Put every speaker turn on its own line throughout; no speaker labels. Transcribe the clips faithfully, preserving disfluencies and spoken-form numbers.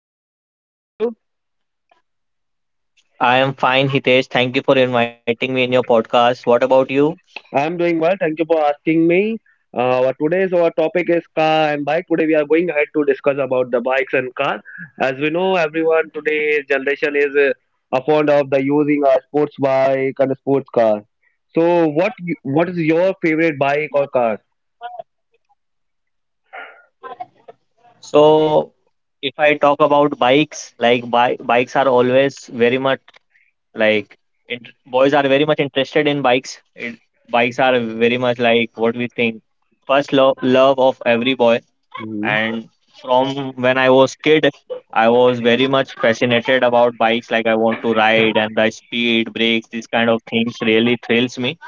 Ayub. How are you, Ayub?
I am fine, Hitesh. Thank you for inviting me in your podcast. What about you?
I am doing well. Thank you for asking me. Uh, our today's our topic is car and bike. Today we are going ahead to discuss about the bikes and car. As we know, everyone today's generation is uh, a fond of the using a sports bike and a sports car. So, what you- what is your favorite bike or car?
So, if I talk about bikes, like bi bikes are always very much like int boys are very much interested in bikes. It, bikes are very much like what we think first love love of every boy.
Mm,
And from when I was kid, I was very much fascinated about bikes. Like I want to ride, and the speed, brakes, these kind of things really thrills me.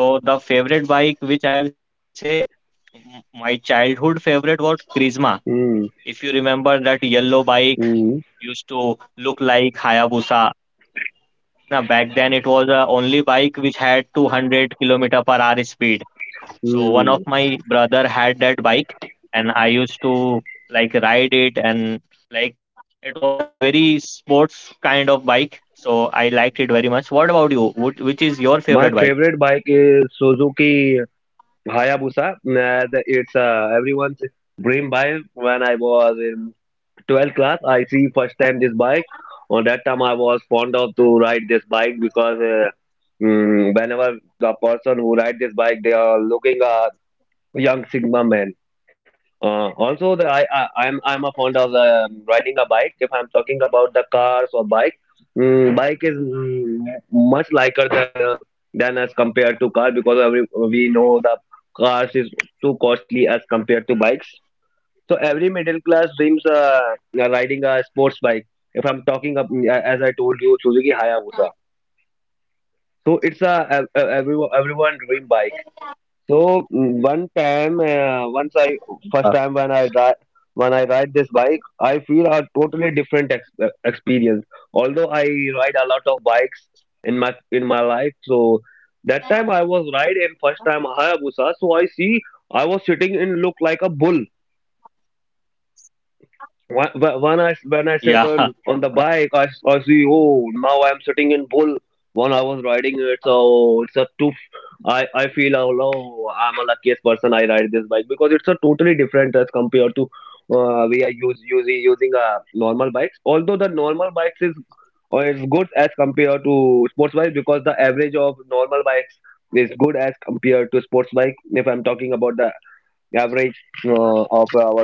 So the favorite bike which I'll say m- my childhood favorite was Crisma.
mm,
If you remember that yellow bike
mm,
used to look like Hayabusa. Now back then it was the only bike which had two hundred kilometer per hour speed. So one of
mm.
my brother had that bike and I used to like ride it and like it was a very sports kind of bike. So I liked it very much. What about you? What, which is your
My
favorite bike?
favorite bike is Suzuki Hayabusa. Uh, the- it's uh, everyone's dream bike. When I was in twelfth class, I see first time this bike. On that time, I was fond of to ride this bike because uh, mm, whenever the person who ride this bike, they are looking a young Sigma man. Uh, also, the, I, I I'm I'm a fond of um, riding a bike. If I'm talking about the cars or bike, mm, bike is mm, much lighter than uh, than as compared to car because every, we know the cars is too costly as compared to bikes. So every middle class dreams uh, uh, riding a sports bike. If I'm talking of, mm, as I told you, Suzuki Hayabusa. So it's a, a, a everyone everyone dream bike so mm, one time, uh, once I
Uh,
first time when I ride when I ride this bike, I feel a totally different ex uh, experience. Although I ride a lot of bikes in my in my life, so that time I was riding first time Hayabusa. So I see I was sitting in look like a bull. Wh- wh- when I when I sit
yeah,
on on the bike, I, s- I see oh now I'm sitting in bull. When I was riding it, so it's a toof. I I feel oh no, I'm a luckiest person. I ride this bike because it's a totally different as compared to uh, we are use, using using a normal bikes. Although the normal bikes is or is good as compared to sports bike because the average of normal bikes is good as compared to sports bike. If I'm talking about the average uh, of our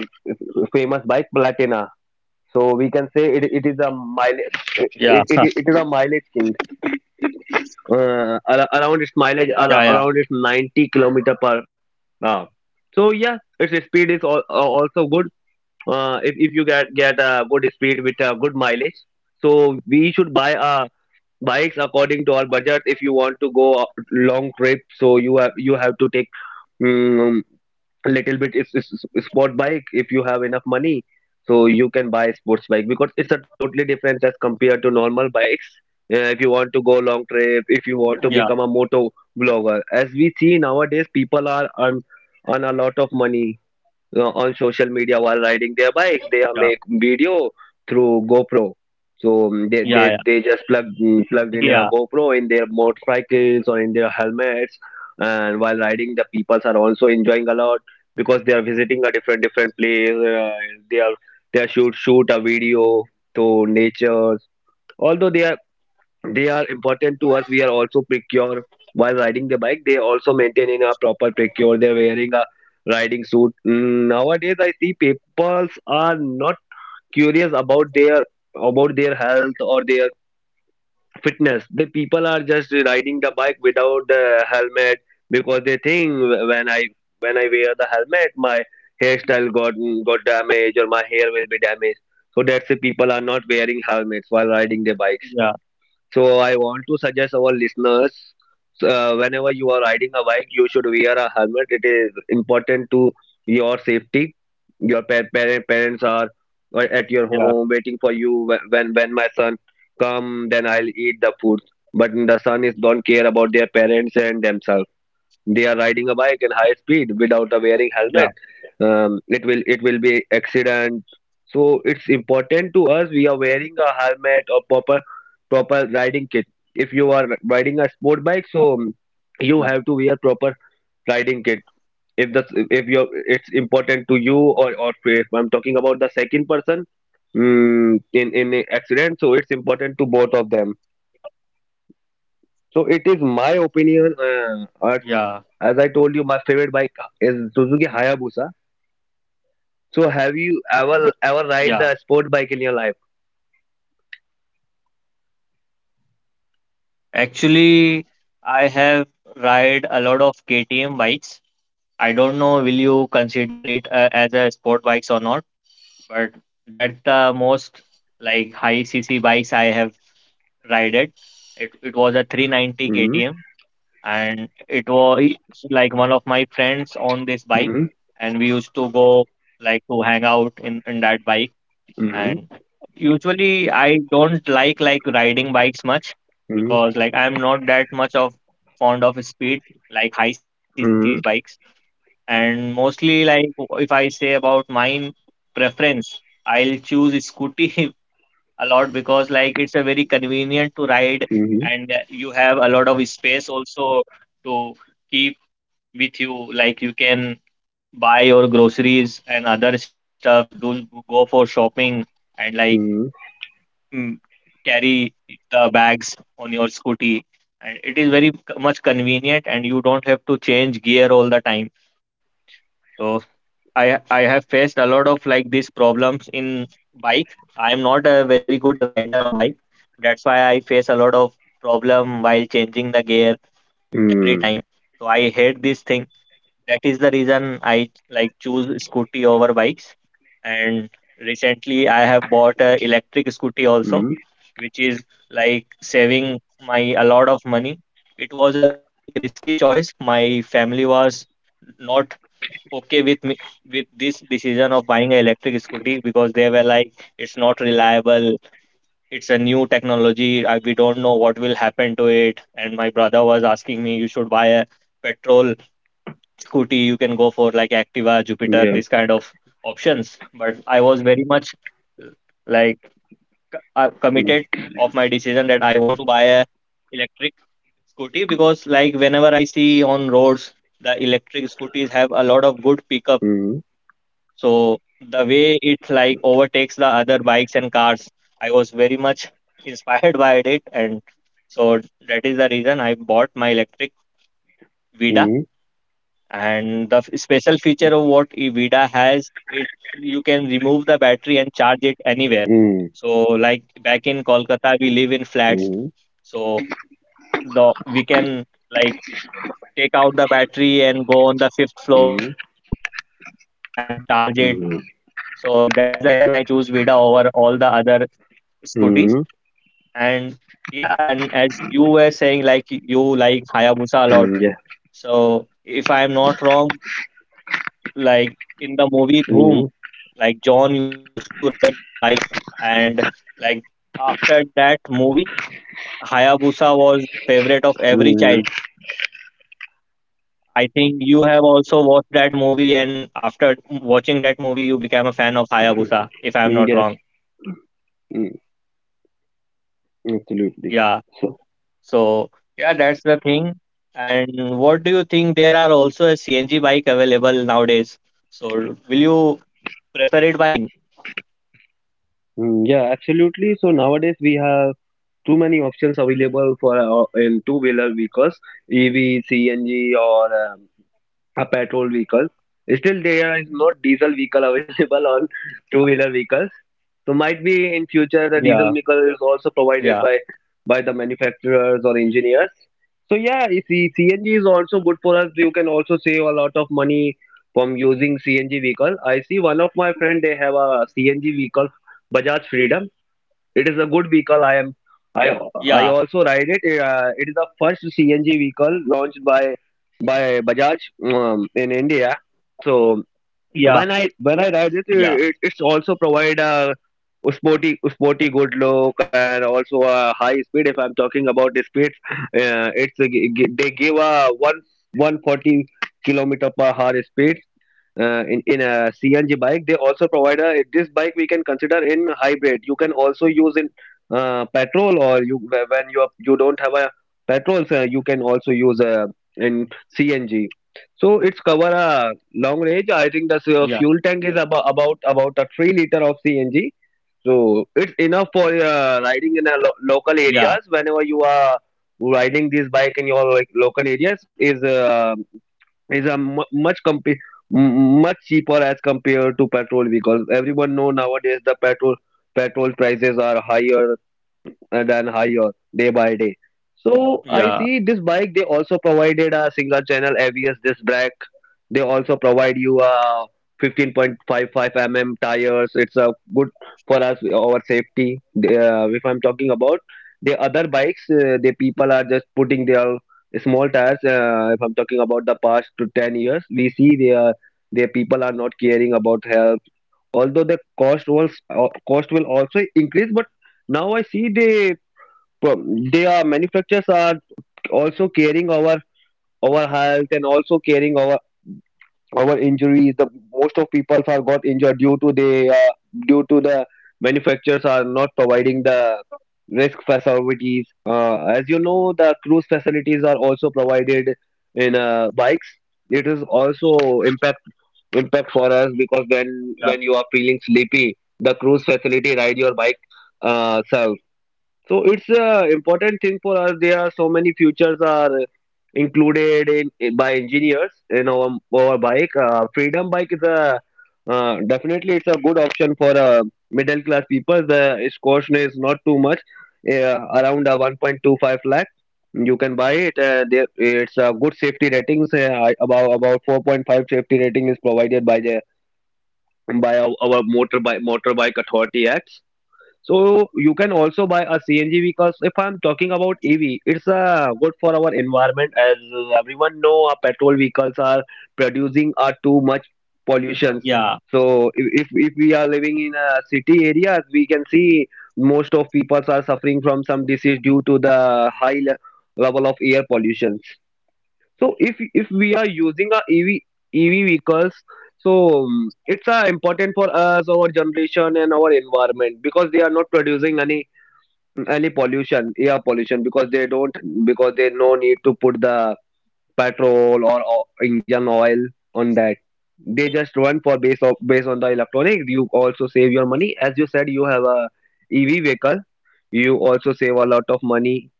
famous bike Platina. So we can say it, it is a mileage
yeah.
it, it, it is a mileage king. Uh, ar- around its mileage
Yeah,
ar-
yeah,
around its ninety kilometer per hour. So yeah, its speed is al- al- also good. Uh, if if you get get a good speed with a good mileage, so we should buy a bikes according to our budget. If you want to go a long trip, so you have you have to take mm, a little bit is, is is sport bike if you have enough money so you can buy sports bike because it's a totally different as compared to normal bikes, uh, if you want to go long trip if you want to become a
yeah,
moto vlogger as we see nowadays people are earn, earn a lot of money uh, on social media while riding their bikes. They are make
yeah,
video through GoPro. So mm, they they, they
yeah,
just plug mm, plugged in a
yeah,
GoPro in their motorcycles or in their helmets, and while riding, the peoples are also enjoying a lot because they are visiting a different different place. Uh, they are they are shoot shoot a video to nature. Although they are they are important to us. We are also precure while riding the bike. They also maintaining a proper precure. They're wearing a riding suit. Mm, nowadays, I see people are not curious about their about their health or their fitness. The people are just riding the bike without the helmet because they think when I when I wear the helmet, my hairstyle got got damaged or my hair will be damaged. So that's the people are not wearing helmets while riding their bikes.
yeah,
So I want to suggest our listeners, uh, whenever you are riding a bike, you should wear a helmet. It is important to your safety. Your pa- parent parents are uh, at your home
yeah, yeah,
waiting for you. Wh- When when my son come, then I'll eat the food. But the son is don't care about their parents and themselves, they are riding a bike at high speed without a wearing helmet.
yeah,
Um, it will it will be accident so it's important to us we are wearing a helmet or proper proper riding kit if you are riding a sport bike so um, you have
yeah,
to wear proper riding kit if the if you it's important to you or or if I'm talking about the second person, mm, in in a accident so it's important to both of them. So it is my opinion. Uh, as,
yeah,
as I told you, my favorite bike is Suzuki Hayabusa. So have you ever ever ride
yeah.
the sport bike in your life?
Actually, I have ride a lot of K T M bikes. I don't know will you consider it uh, as a sport bikes or not, but that's the most like high C C bikes I have rided. It it was a three ninety
Mm-hmm.
K T M, and it was like one of my friends on this
Mm-hmm.
bike, and we used to go like to hang out in in that bike
Mm-hmm.
and usually I don't like like riding bikes much because like I'm not that much of fond of speed like high C C's
Mm-hmm.
bikes and mostly like if I say about my preference I'll choose scooty a lot because like it's a very convenient to
Mm-hmm.
ride
Mm-hmm. Mm-hmm.
and you have a lot of space also to keep with you, like you can buy your groceries and other stuff do go for shopping and like mm, carry the bags on your scooty, and it is very c- much convenient and you don't have to change gear all the time, so i i have faced a lot of like these problems in bike. I am not a very good rider of bike, that's why I face a lot of problem while changing the gear every time,
Mm-hmm.
so I hate this thing. That is the reason I like choose scooty over bikes. And recently I have bought a electric scooty
Mm-hmm.
also, which is like saving my a lot of money. It was a like risky choice. My family was not okay with me with this decision of buying an electric scooty because they were like it's not reliable, it's a new technology, I, we don't know what will happen to it, and my brother was asking me you should buy a petrol scooty, you can go for like Activa, Jupiter, this kind of options, but I was very much uh, like uh, committed of my decision that I want to buy a electric scooty because like whenever I see on roads the electric scooters have a lot of good pickup.
Mm-hmm.
So the way it like overtakes the other bikes and cars, I was very much inspired by it, and so that is the reason I bought my electric Vida.
Mm-hmm.
And the f- special feature of what Evida has, it you can remove the battery and charge it anywhere. So like back in Kolkata, we live in flats, so the we can like take out the battery and go on the fifth
Mm-hmm.
floor and charge it.
Mm-hmm. Mm-hmm.
So that is the reason I choose Vida over all the other scooters.
Mm,
And yeah, and as you were saying, like you like Hayabusa a lot.
yeah.
So if I am not wrong, like in the movie
Mm-hmm.
Dhoom, like John used to ride that bike, and like after that movie Hayabusa was favorite of every
Mm-hmm.
child. I think you have also watched that movie and after watching that movie you became a fan of Hayabusa if I'm
Mm,
not
yes.
wrong.
Mm, absolutely.
Yeah.
So
So yeah, that's the thing. And what do you think, there are also a C N G bike available nowadays? So will you prefer it buying?
mm, yeah, absolutely. So nowadays we have too many options available for uh, in two wheeler vehicles, EV, CNG, or um, a petrol vehicle. Still there is no diesel vehicle available on
Yeah.
two wheeler vehicles, so might be in future the
Yeah.
diesel vehicle is also
Yeah.
provided by by the manufacturers or engineers. So yeah, you see CNG is also good for us. You can also save a lot of money from using CNG vehicle. I see one of my friend, they have a CNG vehicle, Bajaj Freedom. It is a good vehicle. I am. I I also
Yeah.
ride it. Uh, it is the first C N G vehicle launched by by Bajaj um, in India. So when I
Yeah.
when I ride it, uh, it
Yeah.
it's also provide a sporty sporty good look and also a high speed. If I'm talking about the speeds, uh, it's a, gi- gi- they give a one one forty kilometer per hour speed uh, in in a C N G bike. They also provide a this bike we can consider in hybrid. You can also use in uh, petrol or you wh- when you are, you don't have a petrol, so you can also use uh, in C N G. So it's cover a long range. I think the uh, fuel
Yeah.
tank is about about about a three liter of C N G. So it's enough for uh, riding in a lo- local areas.
Yeah.
Whenever you are riding this bike in your like, local areas, is uh, is a mu much compa- m- much cheaper as compared to petrol because everyone know nowadays the petrol petrol prices are higher and, and higher day by day. So I
Yeah.
see this bike they also provided a single channel A B S disc brake. They also provide you a fifteen point five five mm tires. It's a good for us our safety. They, uh, if I'm talking about the other bikes, uh, the people are just putting their small tires. Uh, if I'm talking about the past to ten years, we see they are the people are not caring about health. Although the cost was uh, cost will also increase, but now I see they but their manufacturers are also caring our our health and also caring our our injuries. The most of people are got injured due to the uh, due to the manufacturers are not providing the risk facilities. Uh, as you know, the cruise facilities are also provided in uh, bikes. It is also impact impact for us because when when you are feeling sleepy, the cruise facility ride your bike uh, serves. So it's a important thing for us. There are so many futures are included in eh, by engineers in our, our bike. Uh, Freedom bike is a uh, definitely it's a good option for uh, middle class people. The its cost is not too much, uh, around uh, one point two five lakh. You can buy it. Uh, there it's a good safety ratings. Uh, I- about about four point five safety rating is provided by the by our, our motor motorbike motorbike authority acts. So you can also buy a C N G because if I'm talking about E V, it's uh, good for our environment as everyone know our petrol vehicles are producing uh, too much pollutions.
Yeah.
So if, if if we are living in a city areas, we can see most of people are suffering from some disease due to the high le- level of air pollutions. So if if we are using a E V E V vehicles, so um, it's uh, important for us, our generation, and our environment because they are not producing any any pollution, air pollution because they don't because they no need to put the petrol or, or engine oil on that. They just run for base of based on the electronics. You also save your money as you said. You have a E V vehicle. You also save a lot of money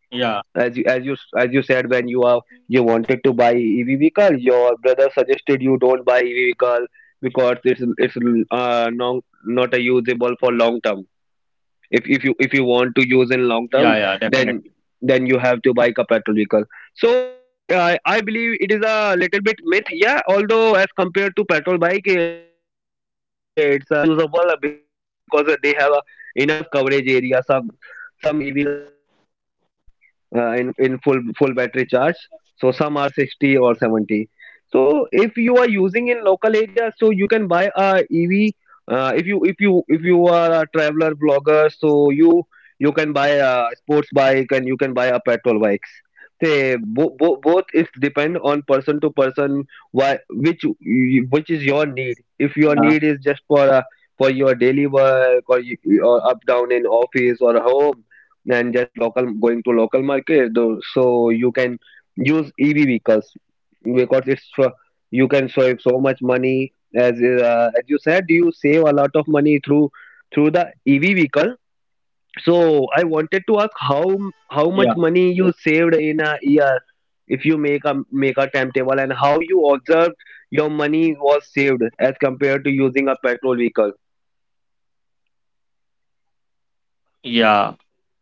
as you
Yeah,
as you as you said when you are you wanted
yeah,
to buy E V vehicle, your brother suggested you don't buy E V vehicle because it's it's uh, non, not a usable for long term. If if you if you want to use in long term,
yeah, yeah,
then
definitely.
then you have to buy a petrol vehicle. So it's I I believe it is a little bit myth. Yeah, although as compared to petrol bike, eh, it's uh, less usable because they have a enough coverage area. Some some E Vs are provided a hundred kilometers, uh, in in full full battery charge, so some are sixty or seventy. So if you are using in local area, so you can buy a ev. uh, if you if you if you are a traveler blogger, so you you can buy a sports bike and you can buy a petrol bikes, say bo- bo- both is depend on person to person. Why, which y- which is your need? If your
Yeah,
need is just for a, for your daily work, or you, or up down in office or home, than just local going to local market. Though, so you can use E V vehicles because it's, uh, you can save so much money. As uh, as you said, you save a lot of money through through the E V vehicle. So I wanted to ask how how much
yeah,
money you saved in a year if you make a make a timetable and how you observed your money was saved as compared to using a petrol vehicle.
yeah.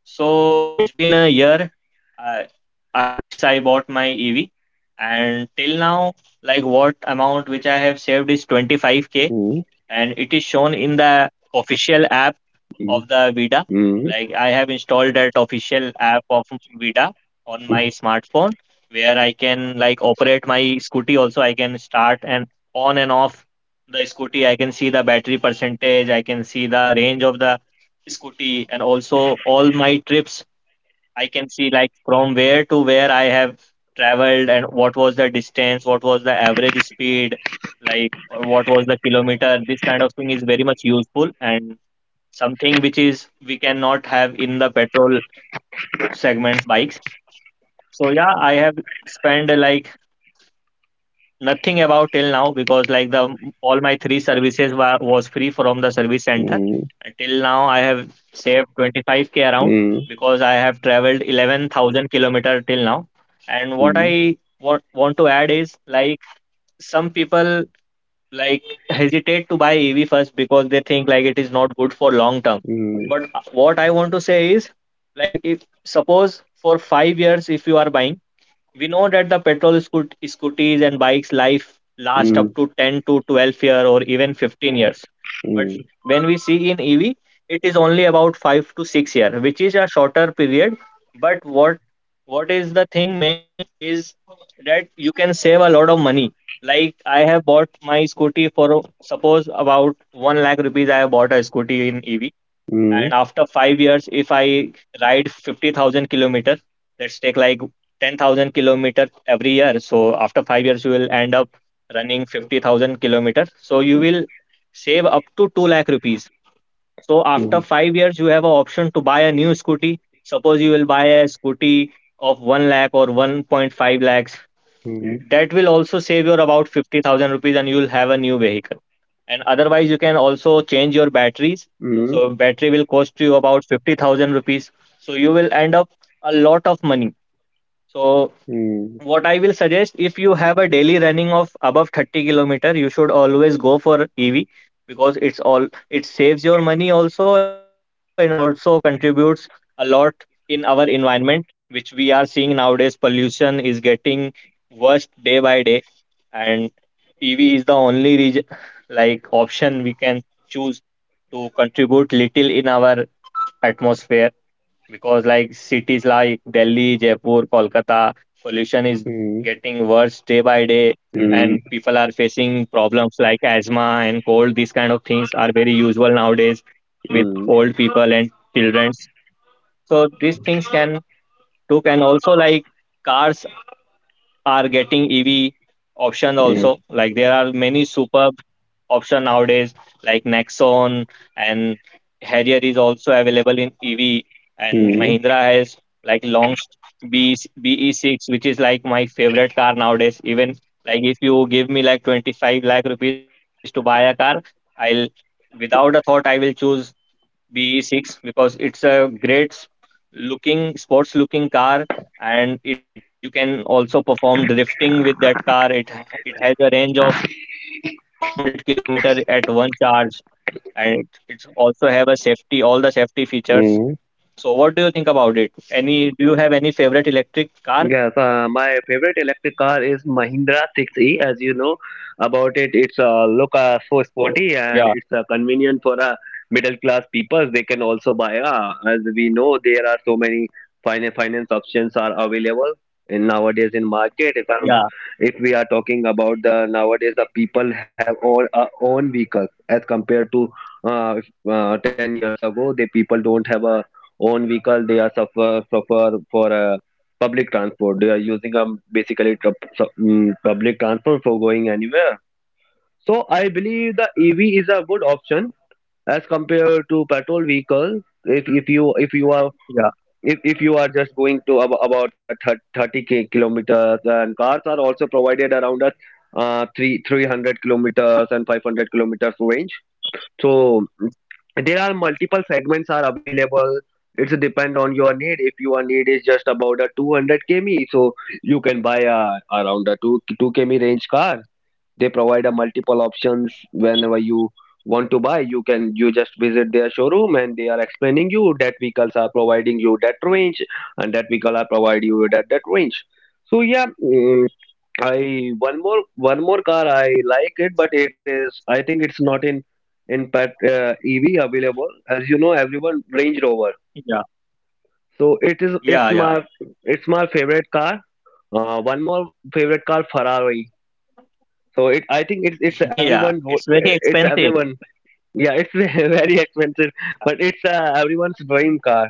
So it's been a year I, I since I bought my E V, and till now, like what amount which I have saved is twenty-five k,
Mm,
and it is shown in the official app
mm,
of the Vida.
mm,
Like I have installed that official app of Vida on my smartphone where I can like operate my scooty also. I can start and on and off the scooty. I can see the battery percentage, I can see the range of the scooty, and also all my trips I can see, like from where to where I have traveled and what was the distance, what was the average speed, like what was the kilometer. This kind of thing is very much useful and something which is we cannot have in the petrol segments bikes. So yeah, I have spent like nothing about till now because like the all my three services were was free from the service center.
mm,
Until now I have saved twenty-five k around
mm,
because I have traveled eleven thousand kilometer till now, and what I
mm,
wa- want to add is like some people like hesitate to buy EV first because they think like it is not good for long term,
mm,
but uh, what I want to say is like if suppose for five years if you are buying, we know that the petrol scoot- scooters and bikes life last up
嗯
to ten to twelve year or even fifteen years, but
嗯
when we see in EV, it is only about five to six year which is a shorter period. But what what is the thing man is that you can save a lot of money. Like I have bought my scooty for suppose about one lakh rupees, I have bought a scooty in EV,
嗯
and after five years, if I ride fifty thousand kilometers, let's take like ten thousand kilometers every year. So after five years, you will end up running fifty thousand kilometers. So you will save up to two lakh rupees. So
嗯
after five years, you have an option to buy a new scooty. Suppose you will buy a scooty of one lakh or one point five lakhs.
嗯
That will also save you about fifty thousand rupees and you will have a new vehicle, and otherwise you can also change your batteries,
嗯
so battery will cost you about fifty thousand rupees, so you will end up a lot of money. So
嗯
what I will suggest, if you have a daily running of above thirty kilometer, you should always go for E V because it's all it saves your money also and also contributes a lot in our environment, which we are seeing nowadays. Pollution is getting worse day by day, and E V is the only region, like option we can choose to contribute little in our atmosphere, because like cities like Delhi, Jaipur, Kolkata, pollution is
嗯
getting worse day by day,
嗯
and people are facing problems like asthma and cold. These kind of things are very usual nowadays with
嗯
old people and children. So these things can took, and also like cars are getting E V option also. Like there are many superb option nowadays like Nexon, and Harrier is also available in E V, and
嗯
Mahindra has like launched B BE6 which is like my favorite car nowadays. Even like if you give me like twenty-five lakh rupees to buy a car, I'll without a thought I will choose B E six because it's a great s- looking sports looking car, and it you can also perform drifting with that car. It it has a range of four hundred kilometer at one charge, and it, it's also have a safety, all the safety features.
嗯。
So what do you think about it, any, do you have any favorite electric car?
Yes, uh, my favorite electric car is Mahindra six e. As you know about it, it's uh, look, uh, so
Yeah,
sporty, and it's uh, convenient for uh, middle class people. They can also buy. Uh, as we know, there are so many finance finance options are available in nowadays in market. If
yeah,
I'm, if we are talking about the nowadays, the people have all uh, own vehicles as compared to uh, if, uh, ten years ago. The people don't have a own vehicle. They are suffer suffer for. Uh, public transport. They are using, um, basically, tr- um, public transport for going anywhere. So I believe the E V is a good option as compared to petrol vehicle. If if you if you are
yeah,
if, if you are just going to ab- about, uh, thir- thirty ki- kilometers, and cars are also provided around a, uh, 3 300 kilometers and five hundred kilometers range. So mm, there are multiple segments are available. It's depend on your need. If your need is just about a two hundred kilometers, so you can buy a around a 2 two kilometers range car. They provide a multiple options whenever you want to buy. You can you just visit their showroom, and they are explaining you that vehicles are providing you that range and that vehicle are providing you that that range. So yeah, mm, I one more one more car I like it, but it is, I think it's not in in pet uh, E V available. As you know, everyone Range Rover.
yeah,
So it is it's
yeah,
my
yeah,
it's my favorite car. Uh, one more favorite car, Ferrari. So it I think it's it's
yeah,
everyone,
it's
wo-
very
it's
expensive.
everyone, yeah, it's very expensive, but it's, uh, everyone's dream car.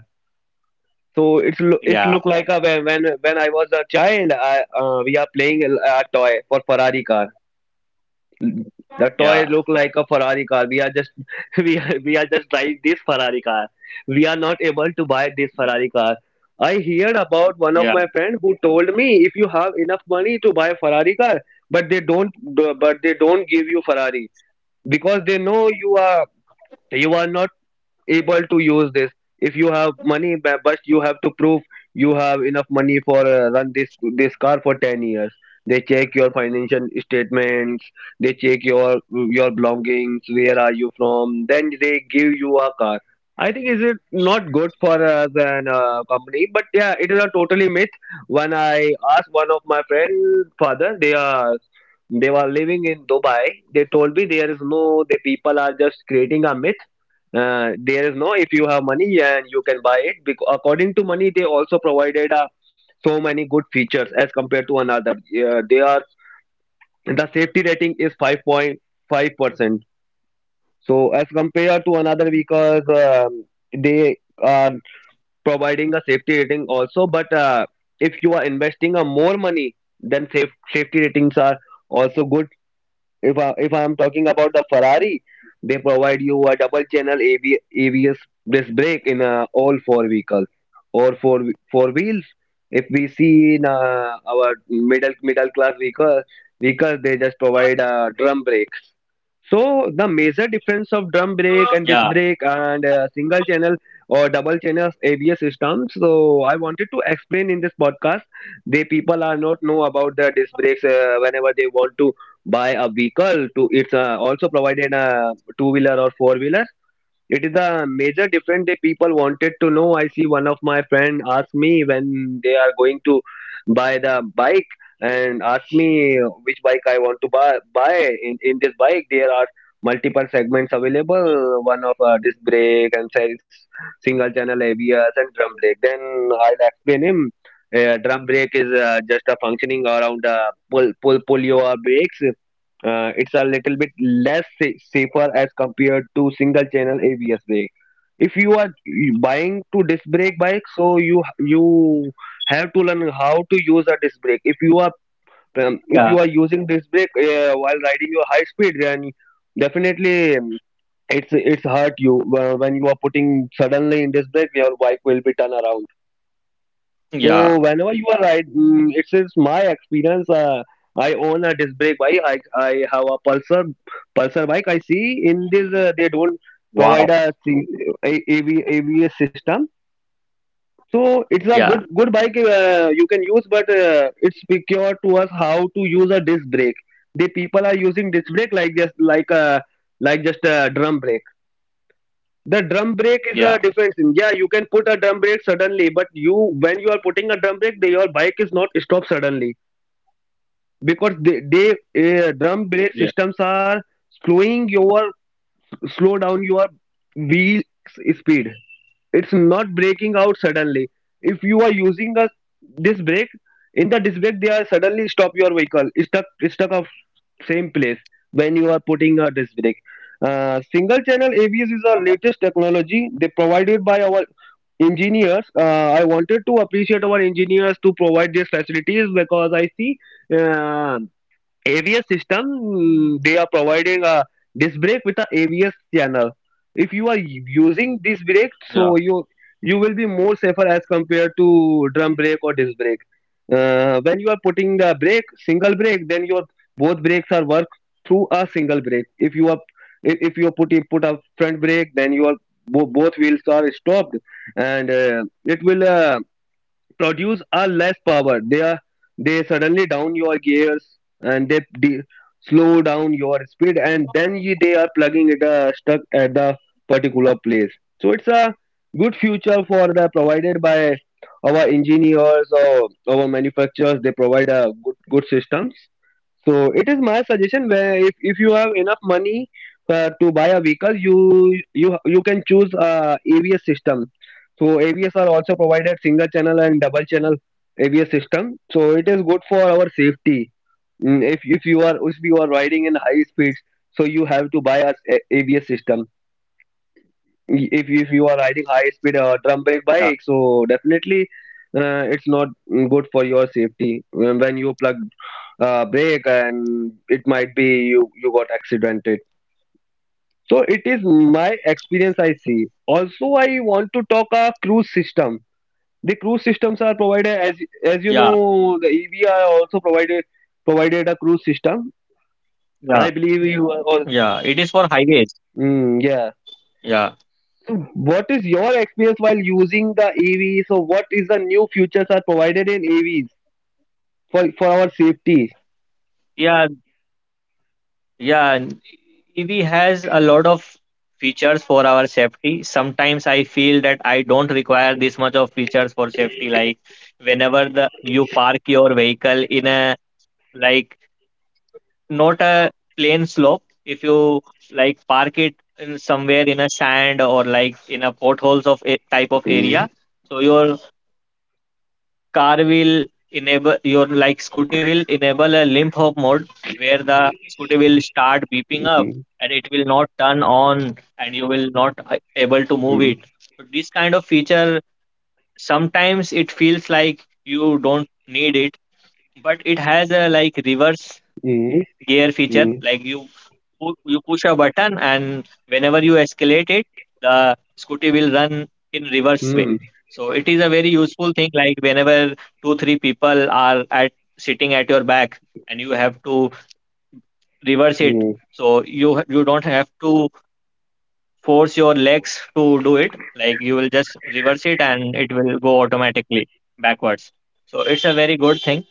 So it's lo it's look
Yeah,
like a, when when when I was a child, I uh, we are playing a a toy for Ferrari car. The toy look
yeah,
like a Ferrari car. We are just, we are, we are just driving this Ferrari car. We are not able to buy this Ferrari car. I heard about one of my friend
yeah,
who told me, if you have enough money to buy a Ferrari car, but they don't but they don't give you Ferrari because they know you are you are not able to use this. If you have money, bu- but you have to prove you have enough money for, uh, run this this car for ten years. They check your financial statements. They check your your belongings, where are you from. Then they give you a car. I think, is it not good for, uh, the, uh, company. But yeah, it is a totally myth. When I asked one of my friend father, they are they were living in Dubai. They told me there is no, the people are just creating a myth. Uh, there is no. If you have money, and you can buy it because according to money, they also provided, uh, so many good features as compared to another. Uh, they are the safety rating is five point five percent. So as compared to another, because, um, they are providing a safety rating also. But, uh, if you are investing a more money, then, safe, safety ratings are also good. If I if I'm talking about the Ferrari, they provide you a double channel A V, A B S disc brake in, uh, all four vehicles or four whe- four wheels. If we see in, uh, our middle middle class vehicle vehicles, they just provide, uh, drum brakes. So the major difference of drum
yeah,
brake and disc brake and, uh, single channel or double channel A B S systems. So I wanted to explain in this podcast. They people are not know about the disc brakes, uh, whenever they want to by a vehicle to it's, uh, also provided a two wheeler or four wheeler. It is a major difference that people wanted to know. I see one of my friend asked me when they are going to buy the bike and asked me which bike I want to buy buy. In, in this bike, there are multiple segments available. One of, uh, disc brake and sells single channel A B S and drum brake. Then I'll explain him. Uh, drum brake is, uh, just a functioning around, uh, pull pull pull your brakes. Uh, it's a little bit less sa- safer as compared to single channel A B S brake. If you are buying to disc brake bike, so you you have to learn how to use a disc brake. If you are um, if you are using disc
yeah,
brake, uh, while riding your high speed, then definitely, um, it's it's hurt you, uh, when you are putting suddenly in disc brake, your bike will be turned around. So whenever you are
yeah,
right, mm, it's, my experience. Uh, I, own a disc brake bike. I, I have a Pulsar Pulsar bike. I see in this, uh, they don't provide a, C-
wow,
a- AV, A B S system. So it's a good good bike,
yeah,
uh, you can use, but, uh, it's peculiar to us how to use a disc brake. The people are using disc brake, like just like a, like just a drum brake. The drum brake is a
yeah.
defense, yeah, you can put a drum brake suddenly. But you when you are putting a drum brake, the, your bike is not stopped suddenly because, they, they, uh, drum brake
Yeah,
systems are slowing your slow down your wheel, s- speed. It's not breaking out suddenly. If you are using a disc brake, in the disc brake they are suddenly stop your vehicle, stuck stuck of same place when you are putting a disc brake. Uh, single channel abs is our latest technology, they provided by our engineers. Uh, i wanted to appreciate our engineers to provide these facilities because I see, uh, A V S system, mm, they are providing a disc brake with a AVS channel. If you are using disc brake, so
yeah,
you you will be more safer as compared to drum brake or disc brake. Uh, when you are putting the brake, single brake, then your both brakes are work through a single brake. If you are if if you put put a front brake, then your bo- both wheels are stopped, and, uh, it will. Uh, produce a less power. They are they suddenly down your gears and they de- slow down your speed, and then, you, they are plugging it, uh, stuck at the particular place. So it's a good future for the, provided by our engineers or our manufacturers. They provide a good good systems. So it is my suggestion, where if, if you have enough money, uh, to buy a vehicle, you you you can choose, uh, A B S system. So A B S are also provided single channel and double channel A B S system. So it is good for our safety. Mm, If if you are if you are riding in high speeds, so you have to buy a s- A B S system. Y- if if you are riding high speed, uh, drum
yeah,
brake bike, so definitely uh, it's not mm, good for your safety when when you plug uh, brake, and it might be you you got accidented. So it is my experience, I see. Also, I want to talk a cruise system. The cruise systems are provided as as you
yeah,
know the E V are also provided provided a cruise system.
yeah,
I believe you are all.
yeah. It is for highways.
Mm, yeah.
Yeah,
What is your experience while using the E V? So, what is the new features are provided in E Vs for, for our safety?
yeah, yeah. And E V has a lot of features for our safety. Sometimes I feel that I don't require this much of features for safety. Like whenever the you park your vehicle in a like not a plain slope, if you like park it in somewhere in a sand or like in a potholes of a type of
Mm.
area, so your car will enable your like scooty will enable a limp hop mode where the scooty will start beeping up
Mm.
and it will not turn on, and you will not uh, able to move
Mm.
it. So this kind of feature, sometimes it feels like you don't need it, but it has a like reverse
Mm.
gear feature.
Mm.
Like you pu- you push a button and whenever you escalate it, the scooty will run in reverse way.
Mm.
So it is a very useful thing, like whenever two three people are at sitting at your back and you have to reverse it,
Mm.
so you you don't have to force your legs to do it. Like you will just reverse it and it will go automatically backwards. So it's a very good thing.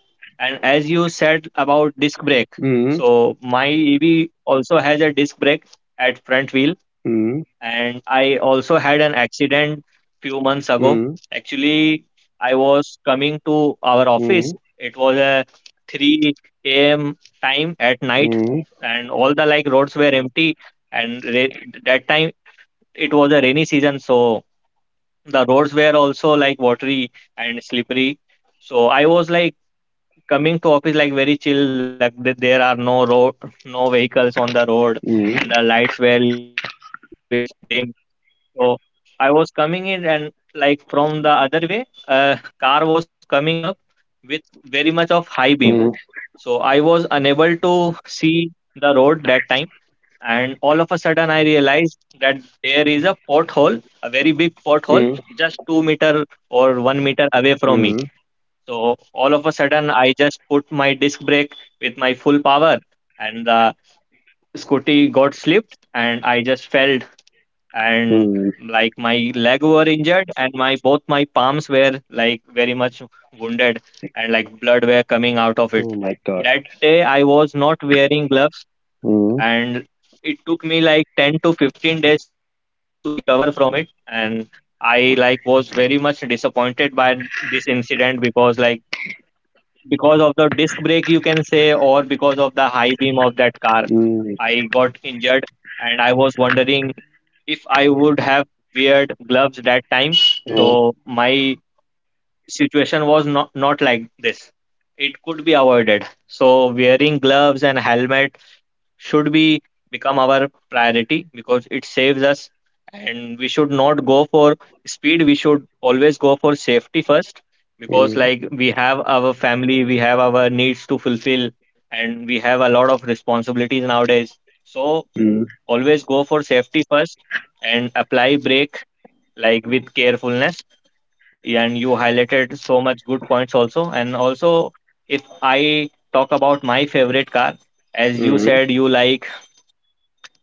And as you said about disc brake,
Mm. Mm. Mm.
so my EV also has a disc brake at front wheel, and I also had an accident few months ago.
Mm.
Actually, I was coming to our office.
Mm.
It was a three a m time at night,
Mm.
and all the like roads were empty. And re- that time, it was a rainy season, so the roads were also like watery and slippery. So I was like coming to office like very chill, like th- there are no road, no vehicles on the road, and the lights were little bit dim. So I was coming in and like from the other way, a car was coming up with very much of high beam.
Mm.
So I was unable to see the road that time, and all of a sudden I realized that there is a pothole, a very big pothole,
Mm.
just two meter or one meter away from me.
Mm.
So all of a sudden I just put my disc brake with my full power, and the scooty got slipped and I just fell. And
Mm.
like my leg were injured and my both my palms were like very much wounded, and like blood were coming out of it.
Oh my God.
That day I was not wearing gloves,
Mm.
and it took me like ten to fifteen days to recover from it. And I like was very much disappointed by this incident because like because of the disc brake you can say, or because of the high beam of that car,
Mm.
I got injured. And I was wondering, if I would have weared gloves that time, so
Mm.
my situation was not not like this. It could be avoided. So wearing gloves and helmet should be become our priority because it saves us, and we should not go for speed. We should always go for safety first, because
Mm.
like we have our family, we have our needs to fulfill, and we have a lot of responsibilities nowadays. So
Mm.
always go for safety first and apply brake like with carefulness. And you highlighted so much good points also, and also if I talk about my favorite car, as you
Mm.
said you like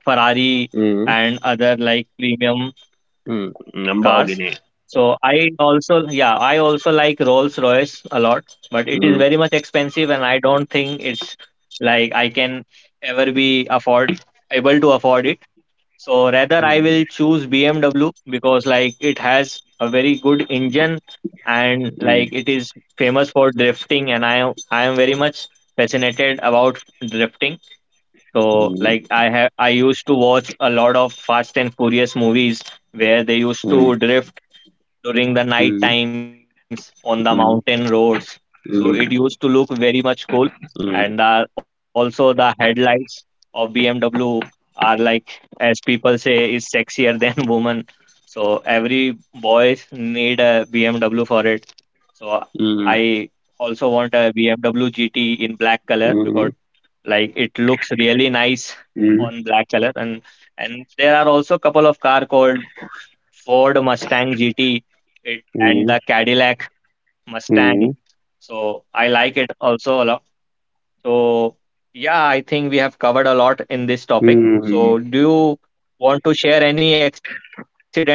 Ferrari
Mm.
and other like premium
Mm. I'm.
cars. So I also, yeah, I also like Rolls Royce a lot, but it is
Mm.
very much expensive, and I don't think it's like I can ever be afford able to afford it. So rather, I
Mm.
will choose B M W because like it has a very good engine, and
Mm.
like it is famous for drifting, and I am I am very much fascinated about drifting. So like I have I used to watch a lot of Fast and Furious movies where they used
Mm.
to drift during the
Mm.
night times on the mountain
Mm.
roads. So it
Mm.
used to look very much cool.
嗯
And uh, also the headlights of B M W are, like as people say, is sexier than women. So every boys need a B M W for it. So
嗯
I also want a B M W G T in black color
嗯
because like it looks really nice
嗯嗯
on black color, and and there are also a couple of car called Ford Mustang G T it, and
嗯
the Cadillac Mustang,
嗯
so I like it also a lot. So yeah, I think we have covered a lot in this topic,
嗯嗯
so do you want to share any accident of yours?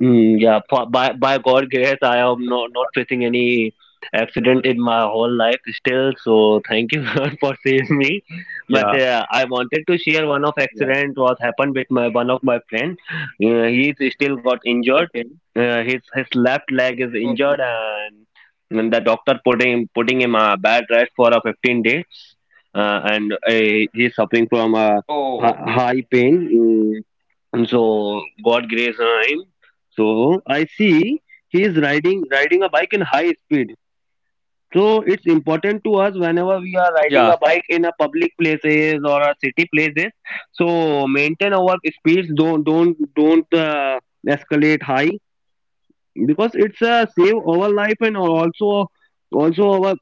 Mm, yeah, po- by by God grace, I am not not facing any accident in my whole life still. So thank you God for saving me.
Yeah,
But uh, I wanted to share one of
yeah,
accident what happened with my one of my friend. Uh, he still got injured.
okay.
Uh, his his left leg is
Okay.
injured, and, and the doctor putting putting him a bad rest for a fifteen days. Uh, and uh, he's suffering
Oh,
from a hi- high pain. And so God grace him. So I see, he is riding riding a bike in high speed. So it's important to us
yeah,
whenever we are riding a bike in a public places or a city places. So maintain our speeds. Don't don't don't uh, escalate high, because it's a save our life, and also also our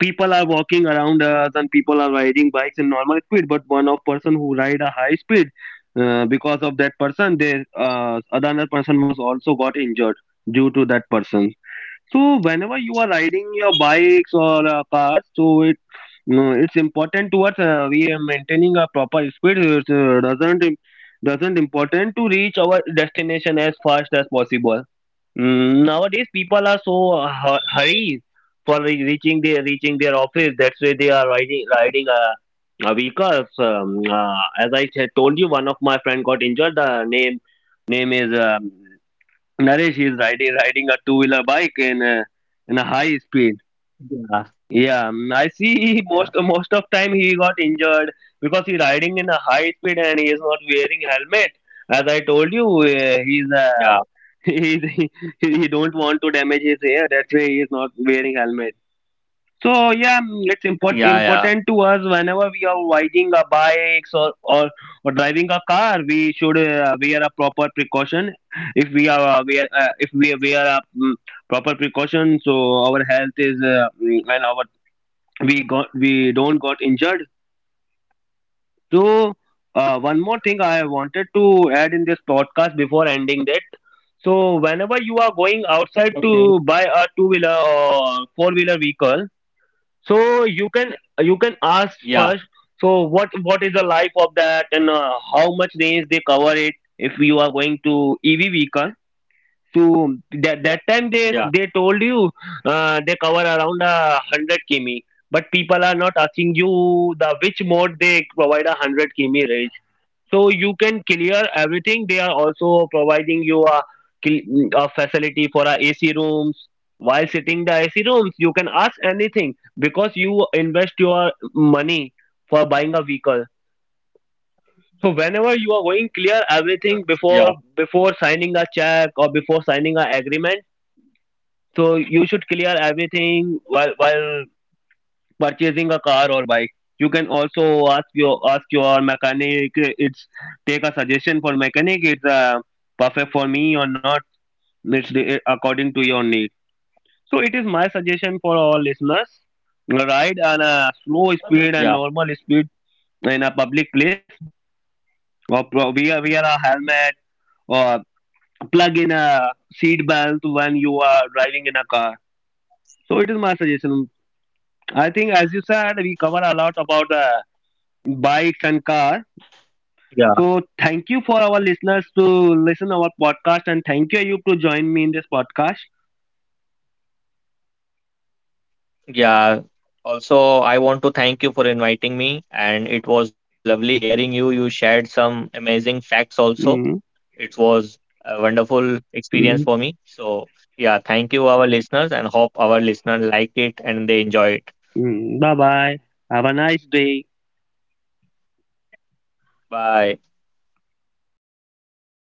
people are walking around us, and people are riding bikes in normal speed, but one of person who ride a high speed, uh, because of that person, they uh, another person was also got injured due to that person. So whenever you are riding your bikes or uh, cars, so it, no, it's important towards, Uh, we are maintaining a proper speed. It uh, doesn't im- doesn't important to reach our destination as fast as possible. Mm, Nowadays, people are so uh, hurry for re- reaching their reaching their office. That's why they are riding riding uh, uh, vehicles. Um, uh, as I said, told you, one of my friend got injured. The name name is um, Naresh. He is riding riding a two wheeler bike in a, in a high speed.
yeah,
Yeah, mm, I see, he
yeah,
most most of time he got injured, because he riding in a high speed and he is not wearing helmet. As I told you, uh, he's uh,
yeah,
he, he he don't want to damage his hair. That's why he is not wearing helmet. So yeah, mm, it's import,
yeah, yeah,
important to us whenever we are riding a bikes or or, or driving a car, we should uh, wear a proper precaution. If we are uh, wear uh, if we wear a mm, proper precaution, so our health is uh, mm, and our we got we don't got injured, so uh, one more thing I wanted to add in this podcast before ending, that so whenever you are going outside
okay,
to buy a two wheeler or four wheeler vehicle, so you can you can
yeah,
ask first, so what what is the life of that and uh, how much range they cover it if you are going to E V vehicle, so that that time they
yeah,
they told you uh, they cover around uh, one hundred kilometers, but people are not asking you the which mode they provide a one hundred km range. So you can clear everything. They are also providing you a cl- a facility for a AC rooms. While sitting the A C rooms, you can ask anything because you invest your money for buying a vehicle. So whenever you are going, clear everything
yeah,
before before signing a check or before signing a agreement, so you should clear everything while while purchasing a car or bike. You can also ask your ask your mechanic. It's, take a suggestion for mechanic. It's uh, perfect for me or not. It's the, according to your need. So it is my suggestion for all listeners. Ride on a slow speed and
yeah.
normal speed in a public place, or pro- wear wear a helmet, or plug in a seat belt when you are driving in a car. So it is my suggestion. I think, as you said, we cover a lot about uh, bikes and cars. So
Yeah.
thank you for our listeners to listen our podcast, and thank you you to join me in this podcast.
Yeah. Also, I want to thank you for inviting me, and it was lovely hearing you. You shared some amazing facts also.
Mm-hmm.
It was a wonderful experience for me. So yeah, thank you, our listeners, and hope our listeners like it and they enjoy it.
Bye bye. Have a nice day.
Bye.